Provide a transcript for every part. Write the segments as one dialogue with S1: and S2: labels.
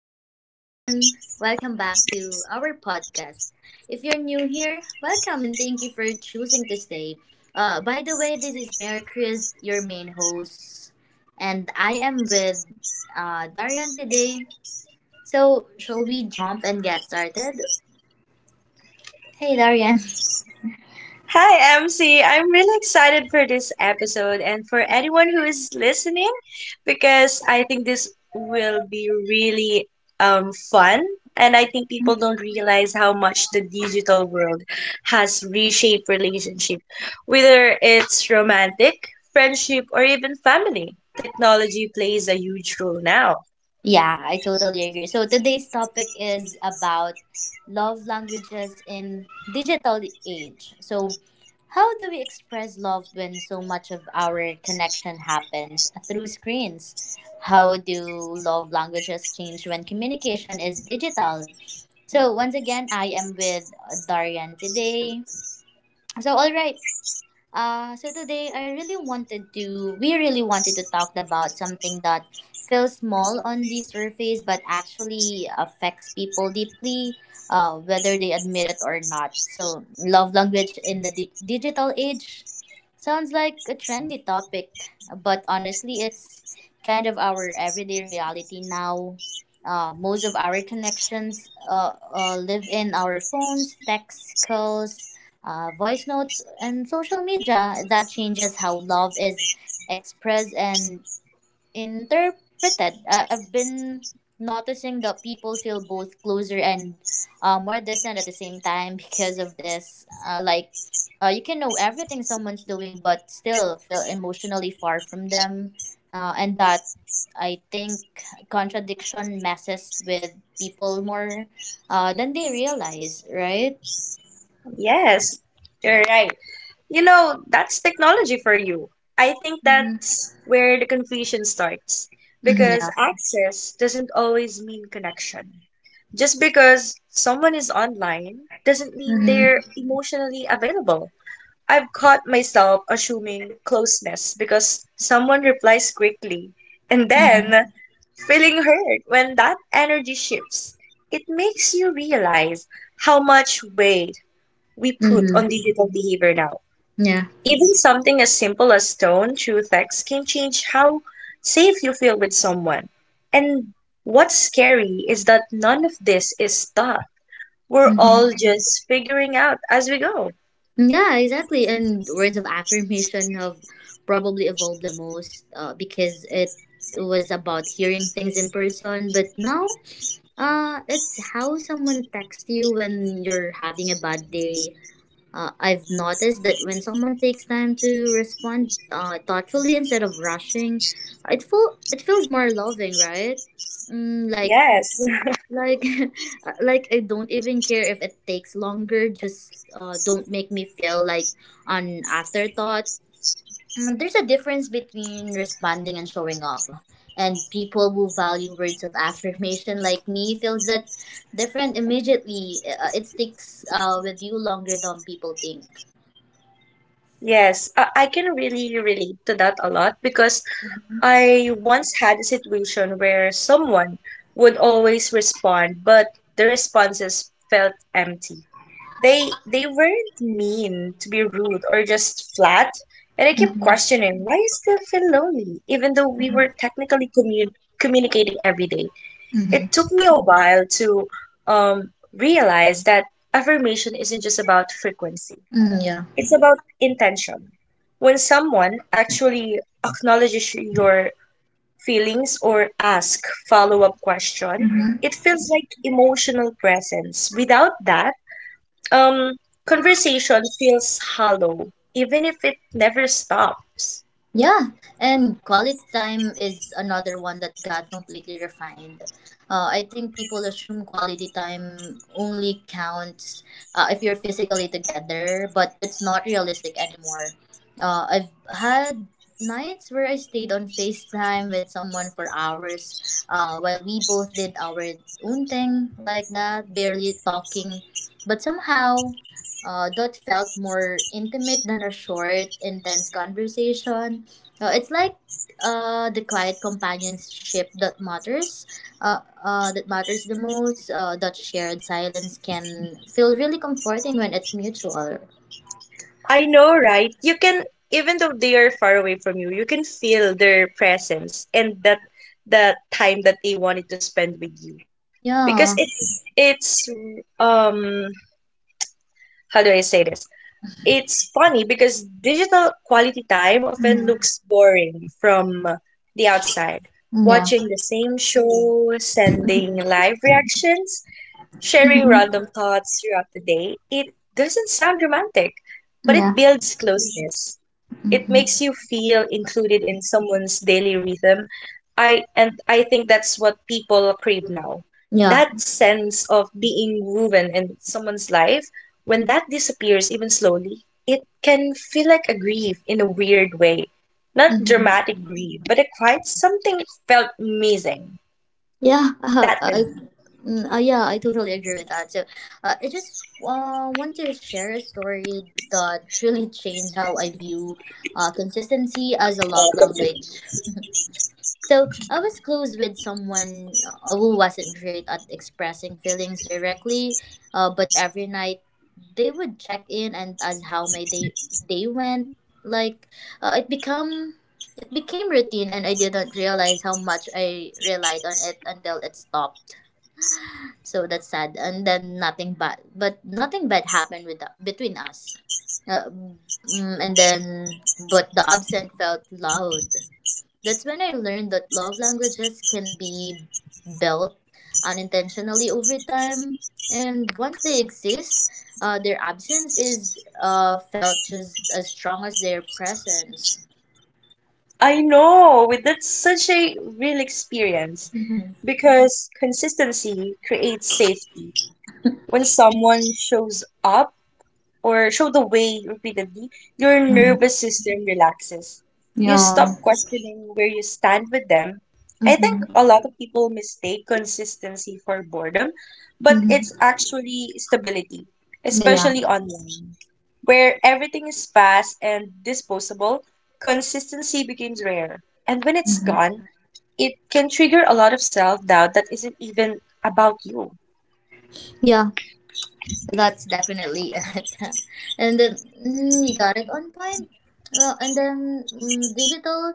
S1: Hello, everyone. Welcome back to our podcast. If you're new here, welcome and thank you for choosing to stay. By the way, this is Mary Chris, your main host, and I am with Darian today. So, shall we jump and get started? Hey, Darian.
S2: Hi, MC. I'm really excited for this episode and for anyone who is listening because I think this will be really fun. And I think people don't realize how much the digital world has reshaped relationship, whether it's romantic, friendship, or even family. Technology plays a huge role now.
S1: Yeah, I totally agree. So today's topic is about love languages in digital age. So how do we express love when so much of our connection happens through screens? How do love languages change when communication is digital? So once again, I am with Darian today. So all right, so today I really we really wanted to talk about something that feels small on the surface but actually affects people deeply, whether they admit it or not. So, love language in the digital age sounds like a trendy topic, but honestly, it's kind of our everyday reality now. Most of our connections live in our phones, text calls, voice notes and social media that changes how love is expressed and interpreted. I've been noticing that people feel both closer and more distant at the same time because of this. You can know everything someone's doing, but still feel emotionally far from them. And that I think contradiction messes with people more than they realize, right?
S2: Yes, you're right. You know, that's technology for you. I think
S1: Mm-hmm.
S2: that's where the confusion starts
S1: Mm-hmm,
S2: because access doesn't always mean connection. Just because someone is online doesn't mean
S1: yeah.
S2: they're emotionally available. I've caught myself assuming closeness because someone replies quickly and
S1: Mhm.
S2: then feeling hurt when that energy shifts. It makes you realize how much weight we put on
S1: Mhm.
S2: digital behavior now.
S1: Yeah.
S2: Even something as simple as tone through text can change how safe you feel with someone. And what's scary is that none of this is taught. We're
S1: Mhm.
S2: all just figuring out as we go.
S1: Yeah, exactly. And words of affirmation have probably evolved the most because it was about hearing things in person. But now, it's how someone texts you when you're having a bad day. I've noticed that when someone takes time to respond thoughtfully instead of rushing, it feels more loving, right? Mm,
S2: Yes,
S1: like like I don't even care if it takes longer, just don't make me feel like an afterthought. Mm, there's a difference between responding and showing up, and people who value words of affirmation like me feels that different immediately. It sticks with you longer than people think.
S2: yes. I can really relate to that a lot because I once had a situation where someone would always respond, but the responses felt empty. They weren't mean to be rude or just flat, and I kept
S1: Mm-hmm.
S2: questioning why I still feel lonely, even though we were technically communicating every day. It took me a while to realize that affirmation isn't just about frequency;
S1: Mm, yeah.
S2: it's about intention. When someone actually acknowledges your feelings or asks follow-up question, it feels like emotional presence. Without that um, conversation feels hollow, even if it never stops.
S1: Yeah, and quality time is another one that got completely refined. I think people assume quality time only counts if you're physically together, but that's not realistic anymore. I've had nights where I stayed on FaceTime with someone for hours while we both did our own thing like that, barely talking. But somehow, that felt more intimate than a short, intense conversation. It's like the quiet companionship that matters the most. That shared silence can feel really comforting when it's mutual.
S2: I know, right? You can, even though they are far away from you, you can feel their presence and that the time that they wanted to spend with you. Because
S1: Yeah.
S2: it's um how do I say this? It's funny because digital quality time often looks boring from the outside.
S1: Yeah.
S2: Watching the same show, sending live reactions, sharing
S1: Hmm.
S2: random thoughts throughout the day, it doesn't sound romantic, but it
S1: Yeah.
S2: builds closeness. It makes
S1: Hmm.
S2: you feel included in someone's daily rhythm. I and I think that's what people crave now.
S1: Yeah.
S2: That sense of being woven in someone's life, when that disappears even slowly, it can feel like a grief in a weird way. Not
S1: Hmm.
S2: dramatic grief, but a quiet something felt missing.
S1: Yeah.
S2: That feeling.
S1: Yeah. I totally agree with that. So, I just want to share a story that really changed how I view consistency as a love language. So I was close with someone who wasn't great at expressing feelings directly, but every night they would check in and ask how my day went. Like uh, it become it became routine, and I didn't realize how much I relied on it until it stopped. So that's sad. And then nothing bad, but nothing bad happened with between us. Uh, and then, but the absent felt loud. That's when I learned that love languages can be built unintentionally over time. And once they exist, their absence is felt just as strong as their presence.
S2: I know that's such a real experience
S1: Mhm.
S2: because consistency creates safety. When someone shows up, or show the way repeatedly, your nervous system relaxes. You stop questioning where you stand with them. I think a lot of people mistake consistency for boredom, but it's
S1: Mm-hmm.
S2: actually stability,
S1: Yeah.
S2: especially online. Where everything is fast and disposable, consistency becomes rare. And when it's
S1: Hmm.
S2: gone, it can trigger a lot of self doubt that isn't even about you.
S1: Yeah. That's definitely it. And then, you got it on point. Well, and then, digital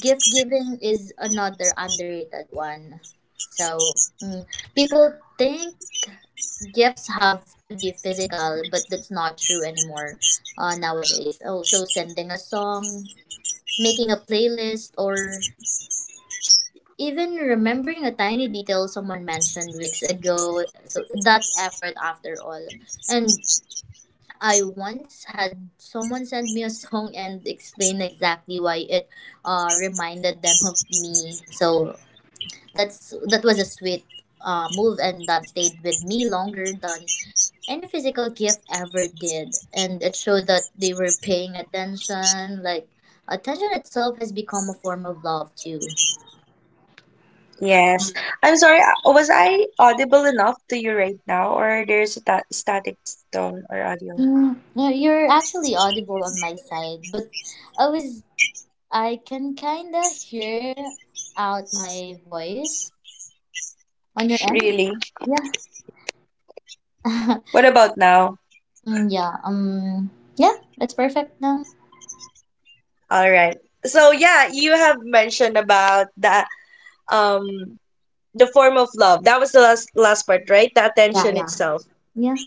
S1: gift giving is another underrated one. So people think gifts have to be physical, but that's not true anymore nowadays. Oh, so sending a song, making a playlist, or even remembering a tiny detail someone mentioned weeks ago. So that's effort after all. And I once had someone send me a song and explain exactly why it reminded them of me. So that was a sweet move, and that stayed with me longer than any physical gift ever did, and it showed that they were paying attention. Like attention itself has become a form of love too.
S2: Yes. I'm sorry, was I audible enough to you right now, or there's a ta static tone or audio?
S1: Mm, no, you're actually audible on my side, but i was I can kind of hear out my voice on your end.
S2: Really?
S1: Yeah.
S2: What about now?
S1: Yeah, yeah, that's perfect now.
S2: All right. So yeah, you have mentioned about um the form of love. That was the last last part, right? The
S1: Yeah,
S2: attention
S1: yeah,
S2: itself.
S1: yeah.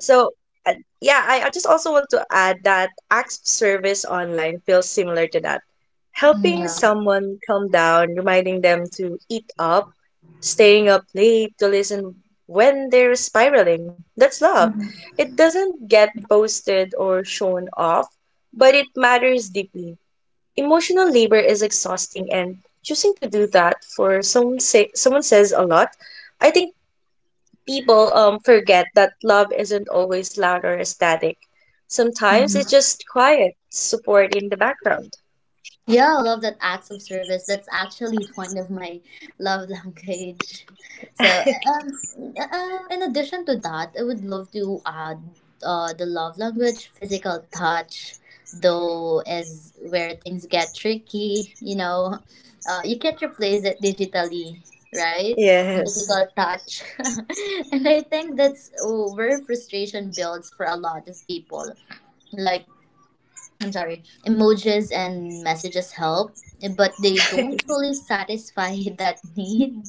S2: So uh, yeah, I just also want to add that acts of service online feels similar to that.
S1: Mm,
S2: Helping
S1: yeah.
S2: someone calm down, reminding them to eat up, staying up late to listen when they're spiraling. That's love. It doesn't get posted or shown off, but it matters deeply. Emotional labor is exhausting, and choosing to do that for some say, someone says a lot. I think people forget that love isn't always loud or ecstatic. Sometimes it's just quiet support in the background.
S1: Yeah, I love that acts of service. That's actually one of my love language. So, in addition to that, I would love to add the love language, physical touch, though, is where things get tricky. You know, you can't replace it digitally, right?
S2: Yes.
S1: Physical touch. And I think that's where frustration builds for a lot of people. Like, I'm sorry, emojis and messages help, but they don't fully satisfy that need.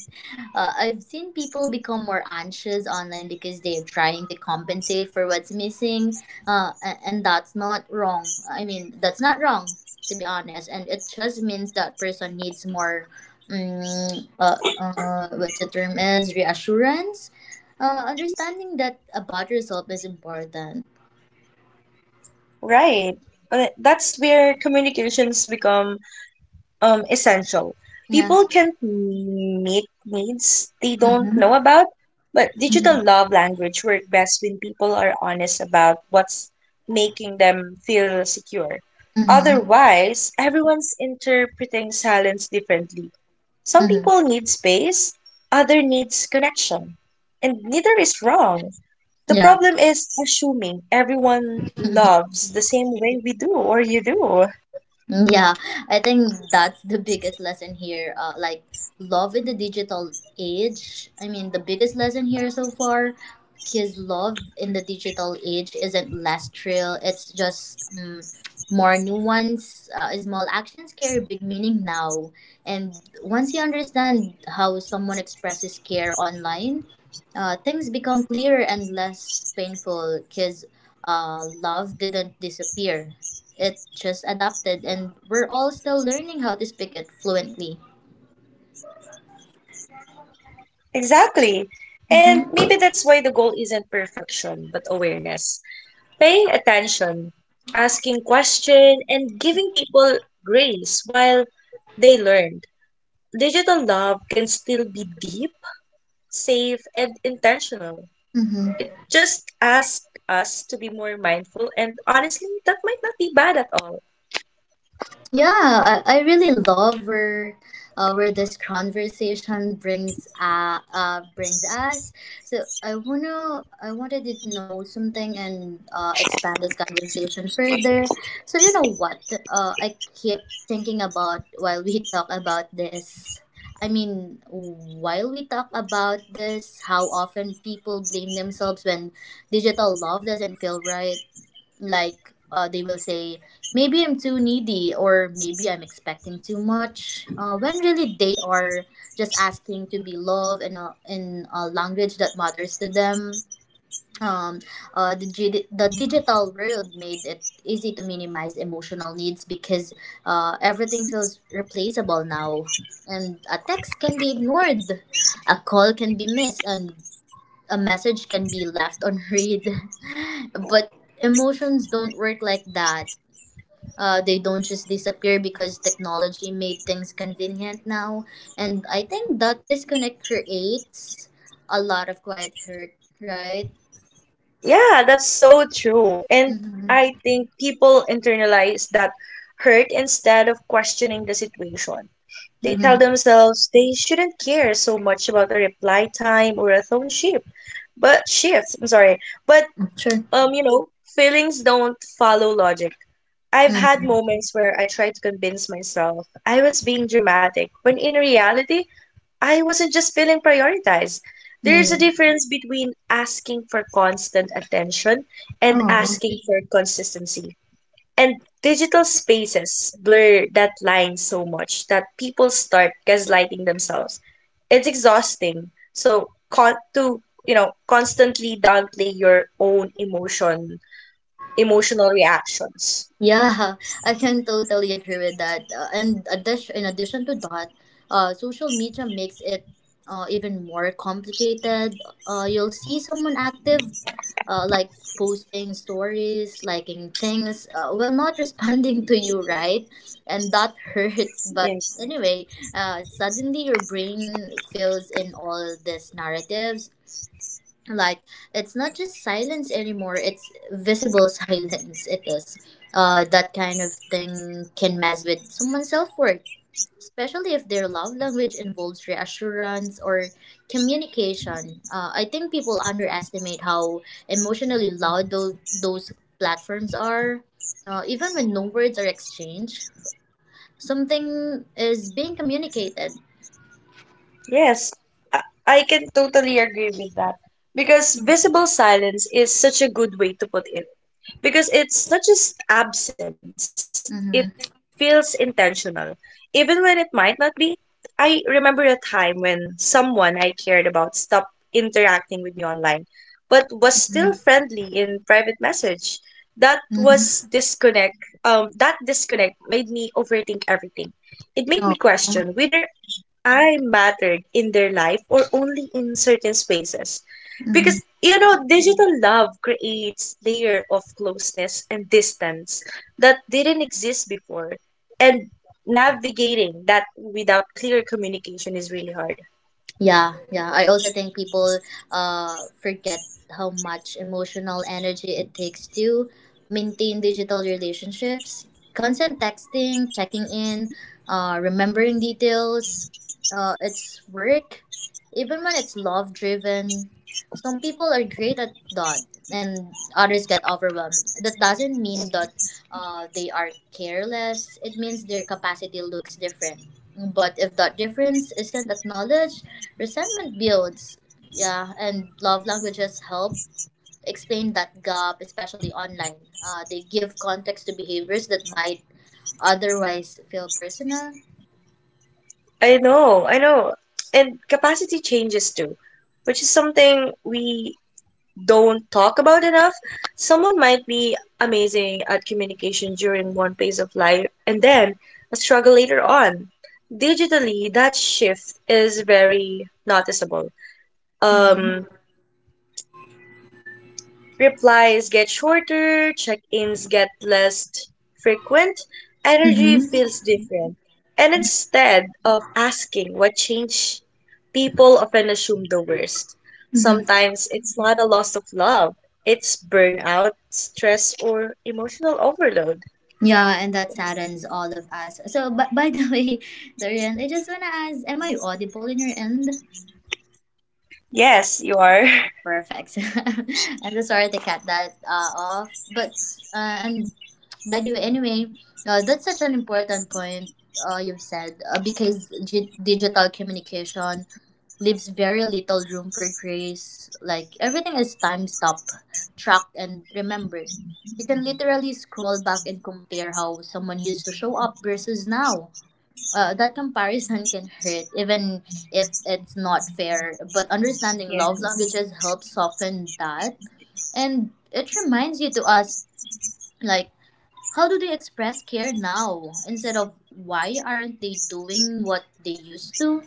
S1: I've seen people become more anxious online because they're trying to compensate for what's missing, and that's not wrong. I mean, that's not wrong, to be honest, and it just means that person needs more. What the term is reassurance. Understanding that about yourself is important.
S2: Right. That's where communications become essential.
S1: Yeah.
S2: People can make needs they don't know
S1: Mm-hmm.
S2: about, but digital
S1: Mm-hmm.
S2: love language work best when people are honest about what's making them feel secure.
S1: Mm-hmm.
S2: Otherwise, everyone's interpreting silence differently. Some
S1: Mm-hmm.
S2: people need space, other needs connection. And neither is wrong. The
S1: Yeah.
S2: problem is assuming everyone loves the same way we do or you do.
S1: Mm, yeah. I think that's the biggest lesson here. Love in the digital age. I mean, the biggest lesson here so far, because love in the digital age isn't less real. It's just more nuance. Small actions carry big meaning now. And once you understand how someone expresses care online, things become clearer and less painful because love didn't disappear, it just adapted, and we're all still learning how to speak it fluently.
S2: Exactly. And
S1: Mm-hmm.
S2: maybe that's why the goal isn't perfection, but awareness. Paying attention, asking questions, and giving people grace while they learn. Digital love can still be deep, safe, and intentional.
S1: Mm-hmm.
S2: It just asks us to be more mindful, and honestly, that might not be bad at all.
S1: Yeah, I really love where this conversation brings us. So I wanted to know something and expand this conversation further. So you know what? I keep thinking about while we talk about this. I mean, while we talk about this, how often people blame themselves when digital love doesn't feel right, like they will say maybe I'm too needy or maybe I'm expecting too much when really they are just asking to be loved in in a language that matters to them. um, the digital world made it easy to minimize emotional needs because everything feels replaceable now, and a text can be ignored, a call can be missed, and a message can be left unread. But emotions don't work like that. They don't just disappear because technology made things convenient now. And I think that disconnect creates a lot of quiet hurt, right?
S2: Yeah, that's so true. And I
S1: Mm-hmm.
S2: think people internalize that hurt instead of questioning the situation. They tell
S1: Mm-hmm.
S2: themselves they shouldn't care so much about a reply time or a tone shift. But shift, I'm sorry. But
S1: Sure.
S2: you know, feelings don't follow logic. I've had moments where I tried to convince myself I was being dramatic when in reality I wasn't just feeling prioritized. There's a
S1: Mm-hmm.
S2: difference between asking for constant attention and
S1: Oh.
S2: asking for consistency. And digital spaces blur that line so much that people start gaslighting themselves. It's exhausting. So to you know constantly downplay your own emotion, emotional reactions.
S1: Yeah, I can totally agree with that. In addition to that, social media makes it even more complicated. You'll see someone active, uh, like posting stories, liking things, while not responding to you, right? And that hurts. But
S2: Yes.
S1: anyway, suddenly your brain fills in all these narratives, like it's not just silence anymore, it's visible silence it is. That kind of thing can mess with someone's self-worth, especially if their love language involves reassurance or communication. I think people underestimate how emotionally loud those platforms are. Even when no words are exchanged, something is being communicated.
S2: Yes, I can totally agree with that because visible silence is such a good way to put it because it's not just absence, it feels
S1: Mm-hmm.
S2: intentional, even when it might not be. I remember a time when someone I cared about stopped interacting with me online, but was still friendly in private message. That was
S1: Mm-hmm.
S2: disconnect. That disconnect made me overthink everything. It made me
S1: Oh.
S2: question whether I mattered in their life or only in certain spaces. Because, you know, digital love creates layer of closeness and distance that didn't exist before. And navigating that without clear communication is really hard.
S1: Yeah, yeah. I also think people forget how much emotional energy it takes to maintain digital relationships. Constant texting, checking in, remembering details. It's work, even when it's love driven. Some people are great at that, and others get overwhelmed. That doesn't mean that they are careless. It means their capacity looks different. But if that difference isn't acknowledged, resentment builds, yeah, and love languages help explain that gap, especially online. They give context to behaviors that might otherwise feel personal.
S2: I know, I know. And capacity changes too, which is something we don't talk about enough. Someone might be amazing at communication during one phase of life and then a struggle later on. Digitally, that shift is very noticeable. Um,
S1: Mm-hmm.
S2: Replies get shorter, check ins get less frequent, energy
S1: Mm-hmm.
S2: feels different. And instead of asking what changed, people often assume the worst.
S1: Mm-hmm.
S2: Sometimes it's not a loss of love, it's burnout, stress, or emotional overload.
S1: Yeah, and that saddens all of us. So, but by the way, Dorian, I just wanna ask, am I audible in your end?
S2: Yes, you are.
S1: Oh, perfect. I'm so sorry to cut that off, but and by the way, anyway, that's such an important point you've said, because digital communication leaves very little room for grace. Like everything is time stop, tracked and remembered. You can literally scroll back and compare how someone used to show up versus now. That comparison can hurt even if it's not fair, but understanding love
S2: Yes.
S1: languages helps soften that, and it reminds you to ask, like, how do they express care now instead of why aren't they doing what they used to.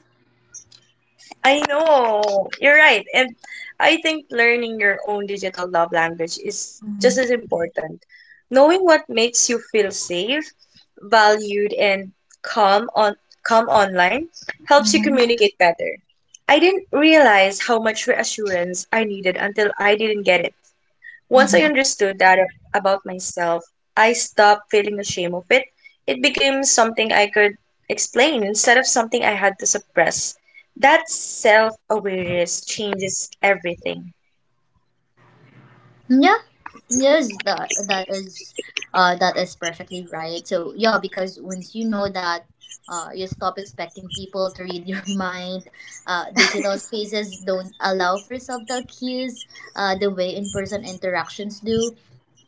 S2: I know. You're right. And I think learning your own digital love language is just as important. Knowing what makes you feel safe, valued, and calm on calm online helps you
S1: Hmm.
S2: communicate better. I didn't realize how much reassurance I needed until I didn't get it. Once I
S1: Mhm.
S2: understood that about myself, I stopped feeling ashamed of it. It became something I could explain instead of something I had to suppress. That self awareness changes everything.
S1: Yeah, yes, that is perfectly right. So yeah, because once you know that, you stop expecting people to read your mind. Digital spaces don't allow for subtle cues, the way in-person interactions do.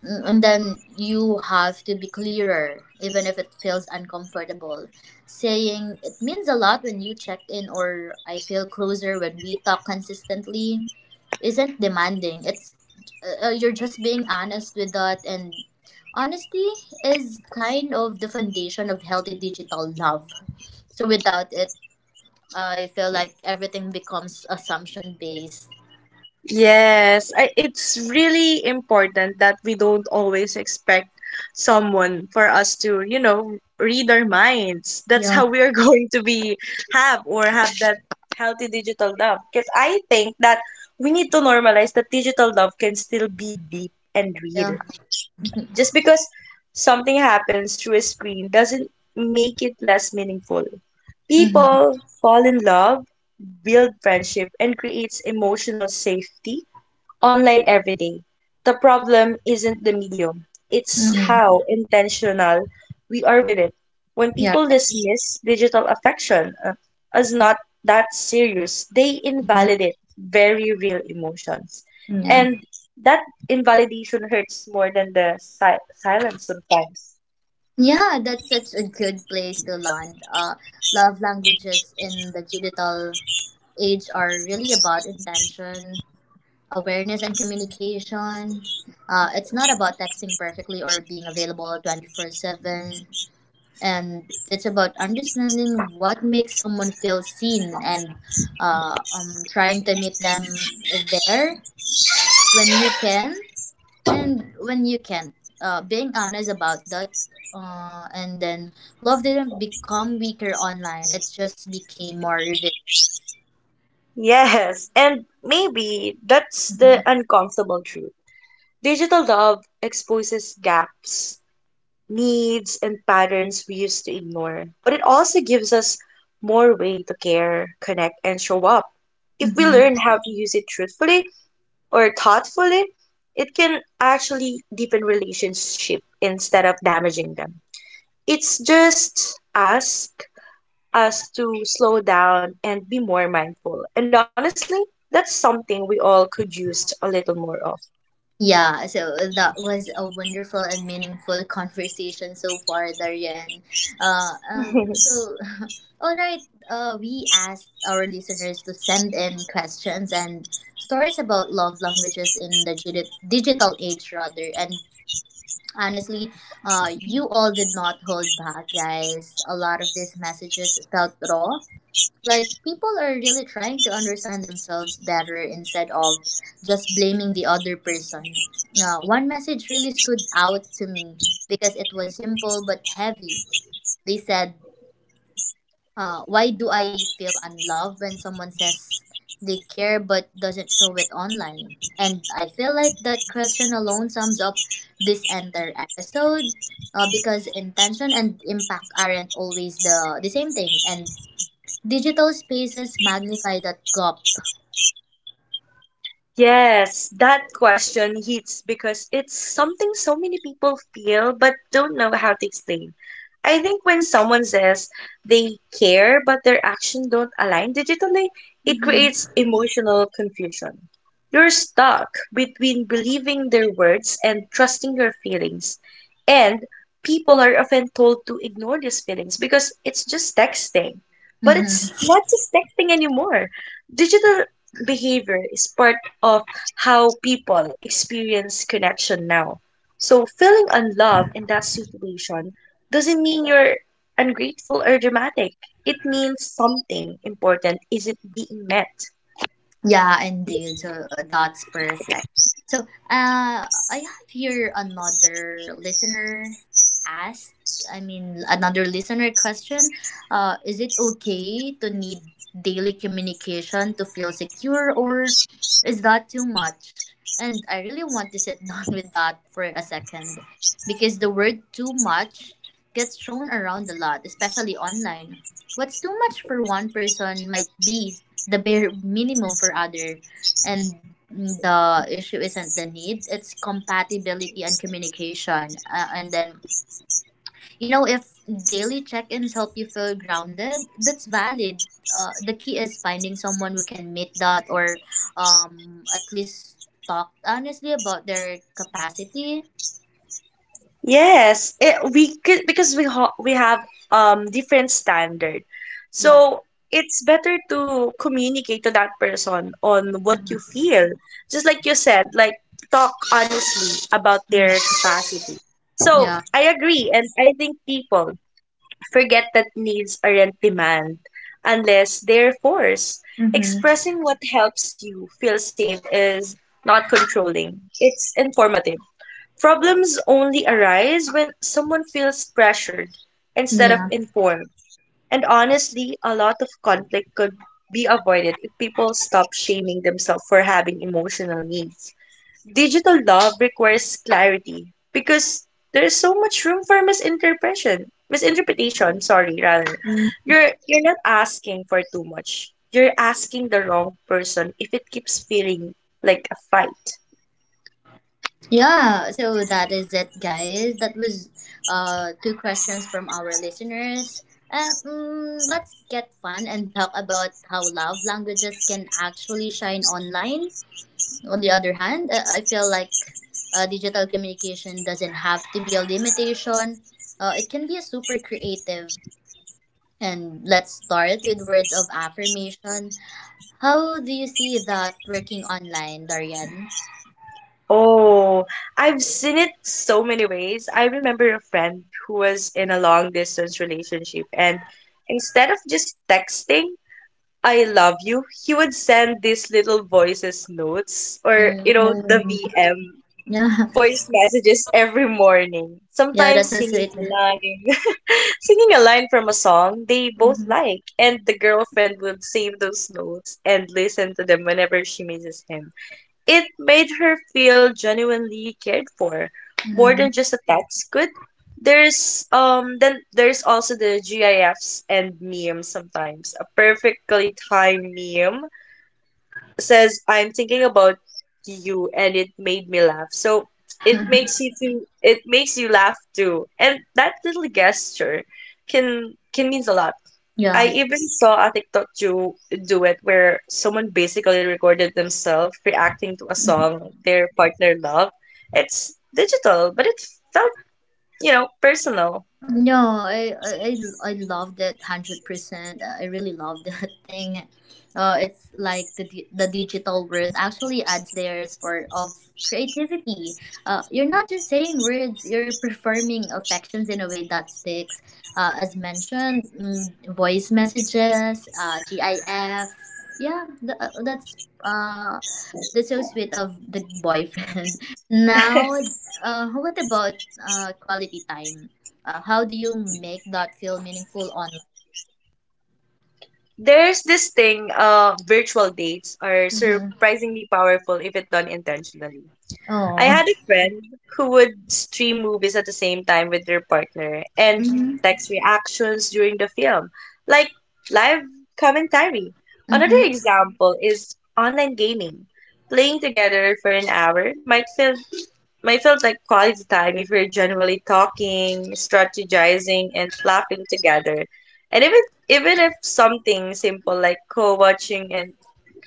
S1: And then you have to be clearer, even if it feels uncomfortable. Saying "it means a lot when you check in," or "I feel closer when we talk consistently" isn't demanding. It's you're just being honest with that, and honesty is kind of the foundation of healthy digital love. So without it, I feel like everything becomes assumption based.
S2: Yes, it's really important that we don't always expect someone for us to, you know, read our minds. That's how we are going to be have or have that healthy digital love. Because I think that we need to normalize that digital love can still be deep and real.
S1: Yeah.
S2: Just because something happens through a screen doesn't make it less meaningful.
S1: Mm-hmm.
S2: People fall in love, build friendship, and creates emotional safety online every day. The problem isn't the medium, it's
S1: Mm-hmm.
S2: how intentional we are with it. When
S1: Yeah.
S2: people dismiss digital affection as not that serious, they invalidate very real emotions.
S1: Mm-hmm. Yeah.
S2: And that invalidation hurts more than the silence sometimes.
S1: Yeah, that's such a good place to land. Love languages in the digital age are really about intention, awareness and communication. It's not about texting perfectly or being available 24/7. And it's about understanding what makes someone feel seen, and trying to meet them there when you can, and when you can't, being honest about that. And then love didn't become weaker online, it just became more revealing.
S2: Yes, and maybe that's the uncomfortable truth. Digital love exposes gaps needs and patterns we used to ignore. But it also gives us more way to care, connect, and show up. If we
S1: Mhm.
S2: learn how to use it truthfully or thoughtfully, it can actually deepen relationship instead of damaging them. It's just ask us to slow down and be more mindful. And honestly, that's something we all could use a little more of.
S1: Yeah, so that was a wonderful and meaningful conversation so far, Darian. Uh, um, so, all right, we asked our listeners to send in questions and stories about love languages in the digital age, rather. And honestly, you all did not hold back, guys. A lot of these messages felt raw, like, people are really trying to understand themselves better instead of just blaming the other person. Now, one message really stood out to me because it was simple but heavy. They said, why do I feel unloved when someone says they care but doesn't show it online? And I feel like that question alone sums up this entire episode, because intention and impact aren't always the same thing. And digital spaces magnify that gap.
S2: Yes, that question hits because it's something so many people feel but don't know how to explain. I think when someone says they care but their action don't align digitally, it
S1: Mm-hmm.
S2: creates emotional confusion. You're stuck between believing their words and trusting your feelings. And people are often told to ignore these feelings because it's just texting. But it's
S1: Mm-hmm.
S2: not just texting anymore. Digital behavior is part of how people experience connection now. So, feeling unloved in that situation doesn't mean you're ungrateful or dramatic. It means something important isn't being met.
S1: Yeah, indeed. So that's perfect. So, I have here another listener ask. I mean, another listener question. Is it okay to need daily communication to feel secure, or is that too much? And I really want to sit down with that for a second, because the word "too much" gets thrown around a lot, especially online. What's too much for one person might be the bare minimum for other, and the issue isn't the need, it's compatibility and communication. And then you know, if daily check-ins help you feel grounded, that's valid. The key is finding someone who can meet that, or at least talk honestly about their capacity.
S2: Yes, we could because we have different standard.
S1: Yeah.
S2: So it's better to communicate to that person on what you feel. Just like you said, like talk honestly about their
S1: Mhm.
S2: capacity. So
S1: Yeah.
S2: I agree, and I think people forget that needs aren't demand unless they're forced.
S1: Mm-hmm.
S2: Expressing what helps you feel safe is not controlling. It's informative. Problems only arise when someone feels pressured instead of
S1: Yeah.
S2: informed. And honestly, a lot of conflict could be avoided if people stop shaming themselves for having emotional needs. Digital love requires clarity because there is so much room for misinterpretation. Misinterpretation, sorry, rather. You're not asking for too much. You're asking the wrong person if it keeps feeling like a fight.
S1: Yeah, so that is it, guys. That was two questions from our listeners. Let's get fun and talk about how love languages can actually shine online. On the other hand, I feel like digital communication doesn't have to be a limitation, it can be super creative. And let's start with words of affirmation. How do you see that working online, Darian?
S2: Oh, I've seen it so many ways. I remember a friend who was in a long distance relationship, and instead of just texting, "I love you," he would send these little voices notes or, the
S1: Mm,
S2: VM
S1: yeah.
S2: voice messages every morning,
S1: Yeah, that's
S2: sometimes
S1: so
S2: singing
S1: sweet.
S2: a line, singing a line from a song they both
S1: Mhm.
S2: like, and the girlfriend would save those notes and listen to them whenever she misses him. It made her feel genuinely cared for, more
S1: Mm.
S2: than just a text could. There's Then there's also the GIFs and memes sometimes. A perfectly timed meme says I'm thinking about you and it made me laugh. So it makes you laugh too. And that little gesture can means a lot. I
S1: yeah.
S2: even saw a TikTok do it where someone basically recorded themselves reacting to a song their partner loved. It's digital, but it felt, personal.
S1: No, I I I I loved it 100%. I really love that thing. It's like the the digital world actually adds layers for of creativity. You're not just saying words; you're performing affections in a way that sticks. As mentioned, voice messages, GIF. Yeah, uh That's so sweet of the boyfriend. now, what about quality time? How do you make that feel meaningful online?
S2: There's this thing, virtual dates are
S1: Mm-hmm.
S2: surprisingly powerful if it done intentionally. I
S1: Oh.
S2: had a friend who would stream movies at the same time with their partner and
S1: Mm-hmm.
S2: text reactions during the film, like live commentary. Another
S1: Mm-hmm.
S2: example is online gaming. Playing together for an hour might feel like quality time if we're generally talking, strategizing, and laughing together. And even if something simple like co-watching and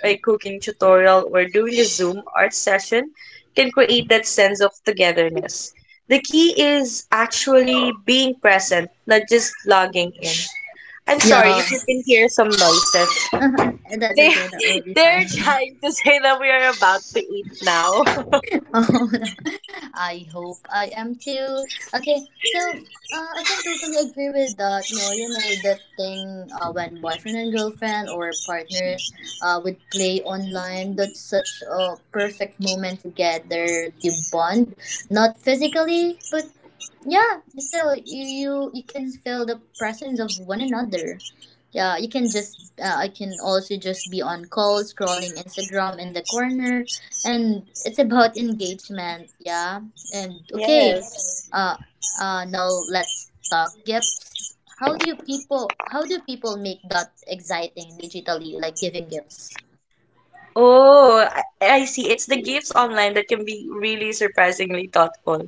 S2: a cooking tutorial or doing a Zoom art session can create that sense of togetherness. The key is actually being present, not just logging in. I'm sorry if
S1: Yeah.
S2: you can hear some noises.
S1: That's
S2: They
S1: okay. That will be
S2: they're
S1: fine.
S2: trying to say that we are about to eat now.
S1: Oh, I hope I am too. Okay, so I can totally agree with that. No, you know that thing, when boyfriend and girlfriend or partners would play online. That's such a perfect moment together. You bond, not physically, but yeah, so you can feel the presence of one another. Yeah, you can just I can also just be on call scrolling Instagram in the corner, and it's about engagement, yeah. And okay.
S2: Yes.
S1: Uh Now let's talk gifts. How do people make that exciting digitally, like giving gifts?
S2: Oh, I see. It's the gifts online that can be really surprisingly thoughtful.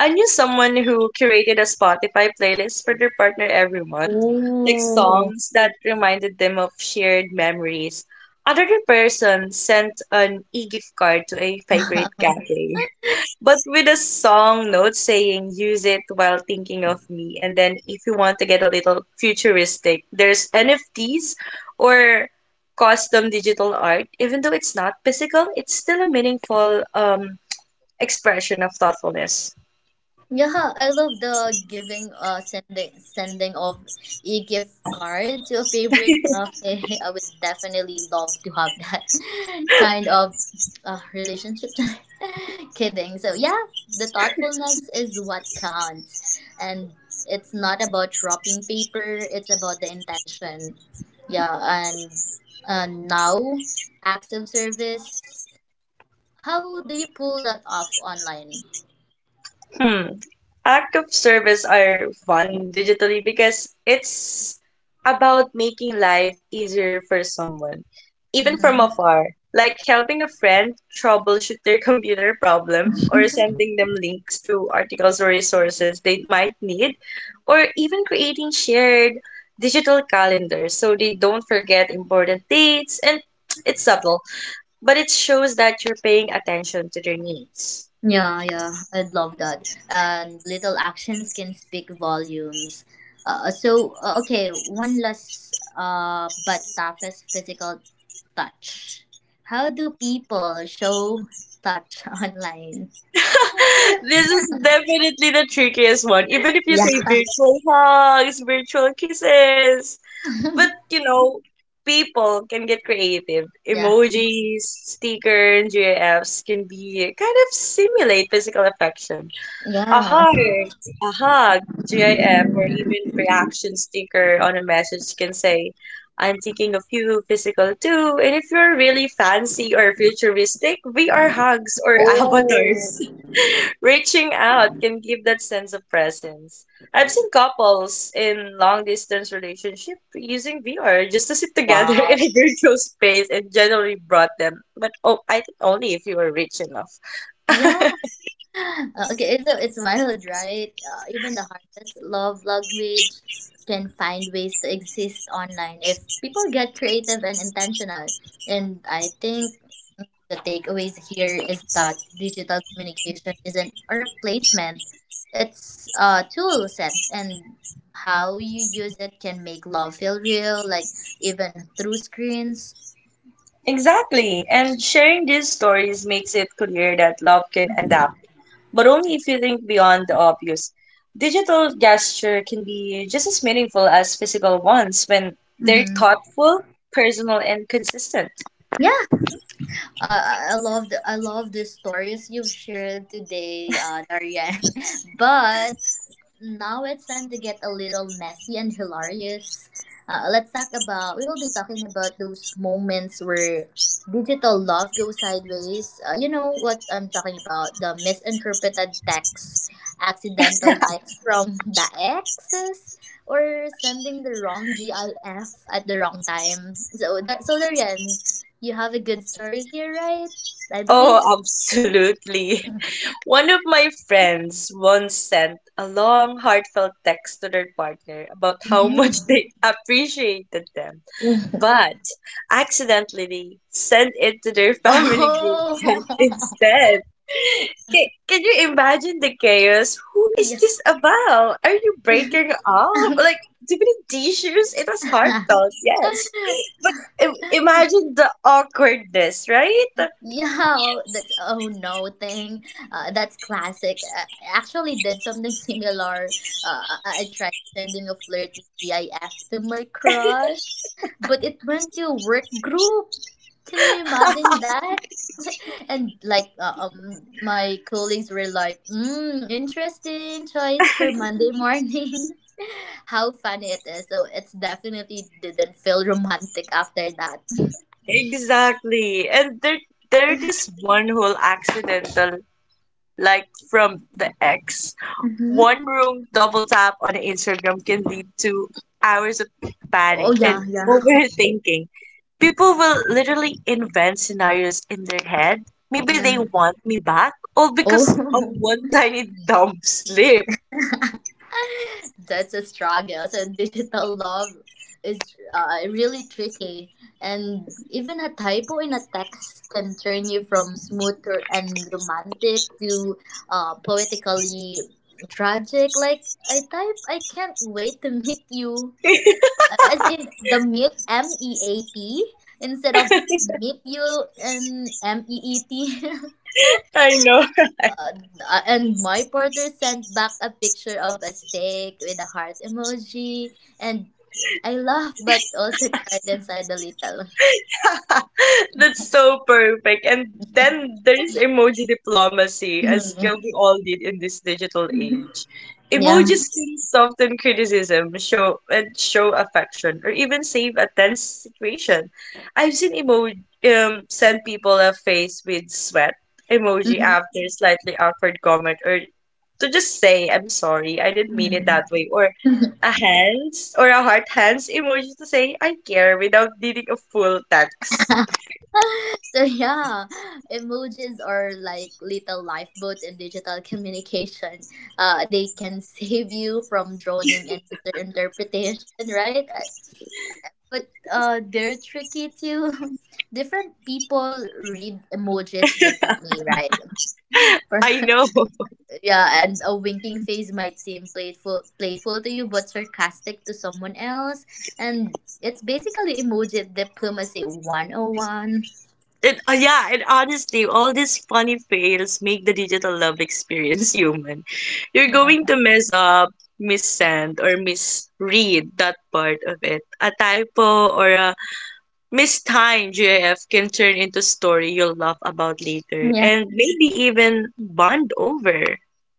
S2: I knew someone who curated a Spotify playlist for their partner every month, like
S1: Oh.
S2: songs that reminded them of shared memories. Another person sent an e-gift card to a favorite cafe. But with a song note saying use it while thinking of me. And then if you want to get a little futuristic, there's NFTs or custom digital art. Even though it's not physical, it's still a meaningful expression of thoughtfulness.
S1: Yeah, I love the giving, uh, sending of e gift card to a favorite cafe. I would definitely love to have that kind of relationship. Kidding. So yeah, the thoughtfulness is what counts, and it's not about dropping paper. It's about the intention. Yeah, and now, acts of service. How do you pull that off online?
S2: Hmm. Act of service are fun digitally because it's about making life easier for someone, even from
S1: Mm-hmm.
S2: afar, like helping a friend troubleshoot their computer problem or sending them links to articles or resources they might need, or even creating shared digital calendars so they don't forget important dates and it's subtle, but it shows that you're paying attention to their needs.
S1: Yeah, I'd love that. And little actions can speak volumes. So, okay, one last but toughest, physical touch. How do people show touch online?
S2: This is definitely the trickiest one. Even if you
S1: Yeah.
S2: say virtual hugs, virtual kisses, but you know, people can get creative.
S1: Yeah.
S2: Emojis, stickers, GIFs can be kind of simulate physical affection. A
S1: Yeah.
S2: heart, a hug, GIF, or even reaction sticker on a message can say, I'm thinking of you, physical too. And if you're really fancy or futuristic, VR hugs or
S1: Oh,
S2: avatars. Reaching out can give that sense of presence. I've seen couples in long distance relationship using VR just to sit together in
S1: wow.
S2: a virtual space and generally brought them. But oh, I think only if you are rich enough.
S1: Yeah. Okay, so it's wild, right? Even the hardest love language can find ways to exist online if people get creative and intentional. And I think the takeaways here is that digital communication isn't a replacement; it's a tool set, and how you use it can make love feel real, like even through screens.
S2: Exactly. And sharing these stories makes it clear that love can adapt, but only if you think beyond the obvious. Digital gesture can be just as meaningful as physical ones when they're
S1: Mm-hmm.
S2: thoughtful, personal, and consistent.
S1: I love the stories you've shared today, Darian. But now it's time to get a little messy and hilarious. We will be talking about those moments where digital love goes sideways. You know what I'm talking about, the misinterpreted texts, accidental likes from the exes, or sending the wrong GIF at the wrong time. So, Darian, you have a good story here, right? I
S2: Oh,
S1: believe.
S2: absolutely. One of my friends once sent a long, heartfelt text to their partner about how much
S1: Hmm.
S2: they appreciated them, but accidentally sent it to their family group chat
S1: oh!
S2: instead. Can you imagine the chaos? Who is this about? Are you breaking
S1: yeah.
S2: up? Like, do we need tissues? It was heartfelt, yes. But imagine the awkwardness, right?
S1: Yo, that's oh no thing. That's classic. I actually did something similar. Uh, I tried sending a flirty GIF to my crush, but it went to a work group. Can you imagine that? and my colleagues were like, mm, interesting choice for Monday morning. How funny it is. So it's definitely didn't feel romantic after that.
S2: Exactly. And there is one whole accidental like from the ex. One wrong double tap on Instagram can lead to hours of
S1: Oh
S2: panic and overthinking. People will literally invent scenarios in their head. Maybe they
S1: yeah.
S2: want me back, all
S1: Oh,
S2: because of one tiny dumb slip.
S1: that's a struggle. So digital love is really tricky, and even a typo in a text can turn you from smooth and romantic to poetically tragic. Like I type, "I can't wait to meet you." As in the meet meat instead of meet you and meet.
S2: I know.
S1: Uh, and my partner sent back a picture of a steak with a heart emoji, and I laughed but also cried inside a little.
S2: That's so perfect. And then there's emoji diplomacy, a
S1: Mhm.
S2: skill we all need in this digital age.
S1: Yeah.
S2: Emojis can soften criticism, show affection, or even save a tense situation. I've seen emoji send people a face with sweat emoji
S1: Mhm.
S2: after slightly awkward comment, or to just say I'm sorry, I didn't mean it that way, or a hands or a heart hands emoji to say I care without needing a full text.
S1: so yeah, emojis are like little lifeboats in digital communication. They can save you from drowning in misinterpretation, right? But they're tricky too. Different people read emojis differently, right? For
S2: I know.
S1: yeah, and a winking face might seem playful to you, but sarcastic to someone else, and it's basically emoji diplomacy 101.
S2: And yeah, and honestly, all these funny fails make the digital love experience human. You're going
S1: Yeah.
S2: to mess up, missend, or misread that part of it. A typo or a mistimed GIF can turn into story you'll laugh about later
S1: Yeah.
S2: and maybe even bond over.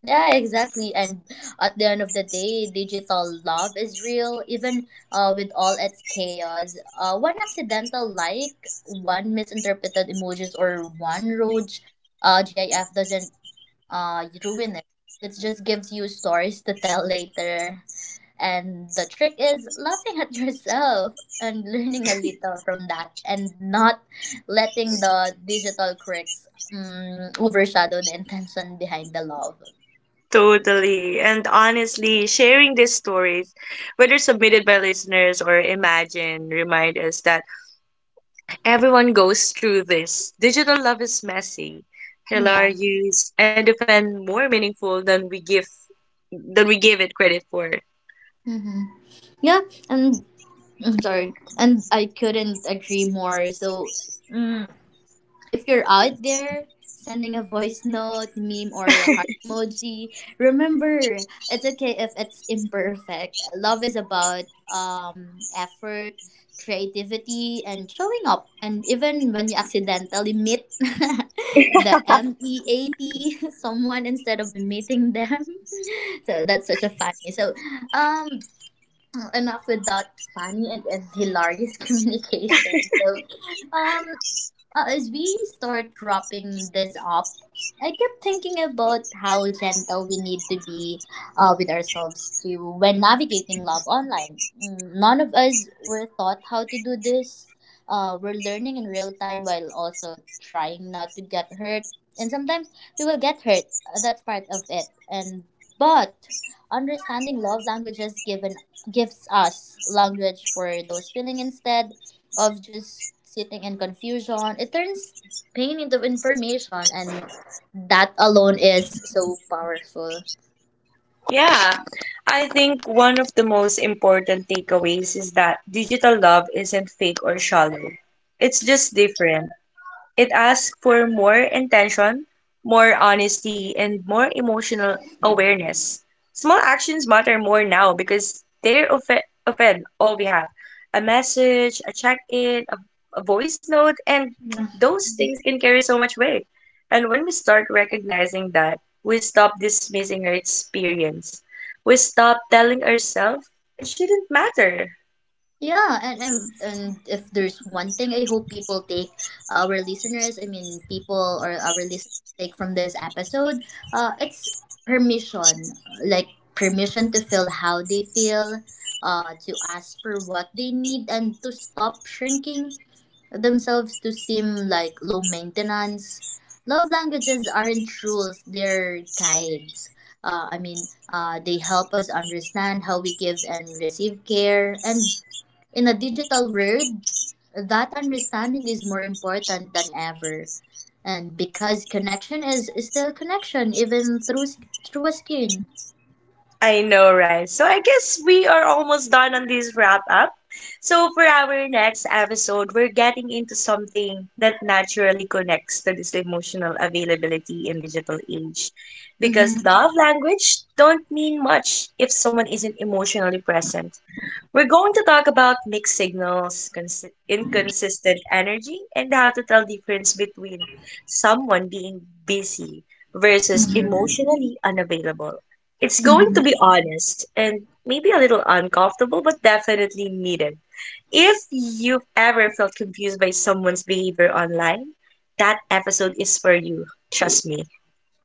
S1: Yeah, exactly. And at the end of the day, digital love is real, even with all its chaos. One accidental like, one misinterpreted emojis, or one rogue GIF doesn't ruin it. It just gives you stories to tell later. And the trick is laughing at yourself and learning a little from that, and not letting the digital quirks overshadow the intention behind the love.
S2: Totally. And honestly, sharing these stories, whether submitted by listeners or imagined, remind us that everyone goes through this. Digital love is messy,
S1: Yeah.
S2: hilarious, and often more meaningful than we give it credit for.
S1: Mm-hmm. Yeah, and I'm sorry, and I couldn't agree more. So, mm, if you're out there sending a voice note, meme, or a heart emoji, remember it's okay if it's imperfect. Love is about effort, creativity, and showing up. And even when you accidentally meet the meat someone instead of meeting them, so that's such a funny. So, um, enough with that funny and hilarious communication. So, um, as we start wrapping this up, I kept thinking about how gentle we need to be with ourselves too when navigating love online. None of us were taught how to do this. We're learning in real time while also trying not to get hurt. And sometimes we will get hurt. That's part of it. And but understanding love languages given gives us language for those feeling instead of just sitting in confusion. It turns pain into information, and that alone is so powerful.
S2: Yeah, I think one of the most important takeaways is that digital love isn't fake or shallow. It's just different. It asks for more intention, more honesty, and more emotional awareness. Small actions matter more now because often all we have: a message, a check in, a voice note, and those things can carry so much weight. And when we start recognizing that, we stop dismissing our experience. We stop telling ourselves it shouldn't matter.
S1: Yeah, and if there's one thing I hope people take, our listeners, I mean, people or our listeners take from this episode, it's permission. Like, permission to feel how they feel, to ask for what they need, and to stop shrinking themselves to seem like low maintenance. Love languages aren't rules, they're guides. They help us understand how we give and receive care. And in a digital world, that understanding is more important than ever. And because is still connection, even through a skin.
S2: I know, right? So I guess we are almost done on this wrap up. So for our next episode, we're getting into something that naturally connects to this emotional availability in digital age. Because
S1: Mm-hmm.
S2: love language don't mean much if someone isn't emotionally present. We're going to talk about mixed signals, inconsistent energy, and how to tell difference between someone being busy versus
S1: Mm-hmm.
S2: emotionally unavailable. It's going to
S1: Mm-hmm.
S2: be honest and maybe a little uncomfortable, but definitely needed. If you've ever felt confused by someone's behavior online, that episode is for you. Trust me.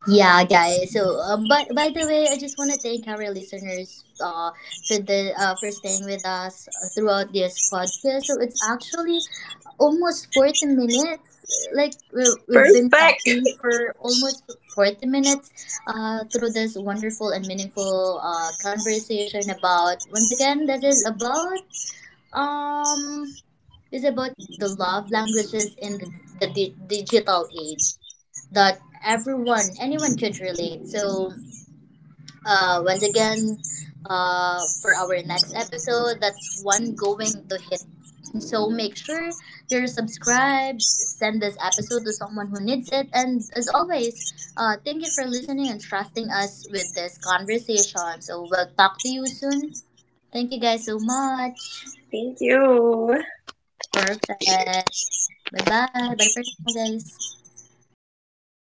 S1: Yeah, guys. So, by the way, I just want to thank our listeners for staying with us throughout this podcast. So it's actually almost 40 minutes. Like we've been
S2: Perfect.
S1: talking for almost 40 minutes, through this wonderful and meaningful conversation about, once again, this um is about the love languages in the digital age that everyone anyone could relate. So once again, for our next episode, that's one going to hit, so make sure you're subscribed, send this episode to someone who needs it, and as always, thank you for listening and trusting us with this conversation. So we'll talk to you soon. Thank you guys so much.
S2: Thank you.
S1: Perfect. Bye bye for now, guys.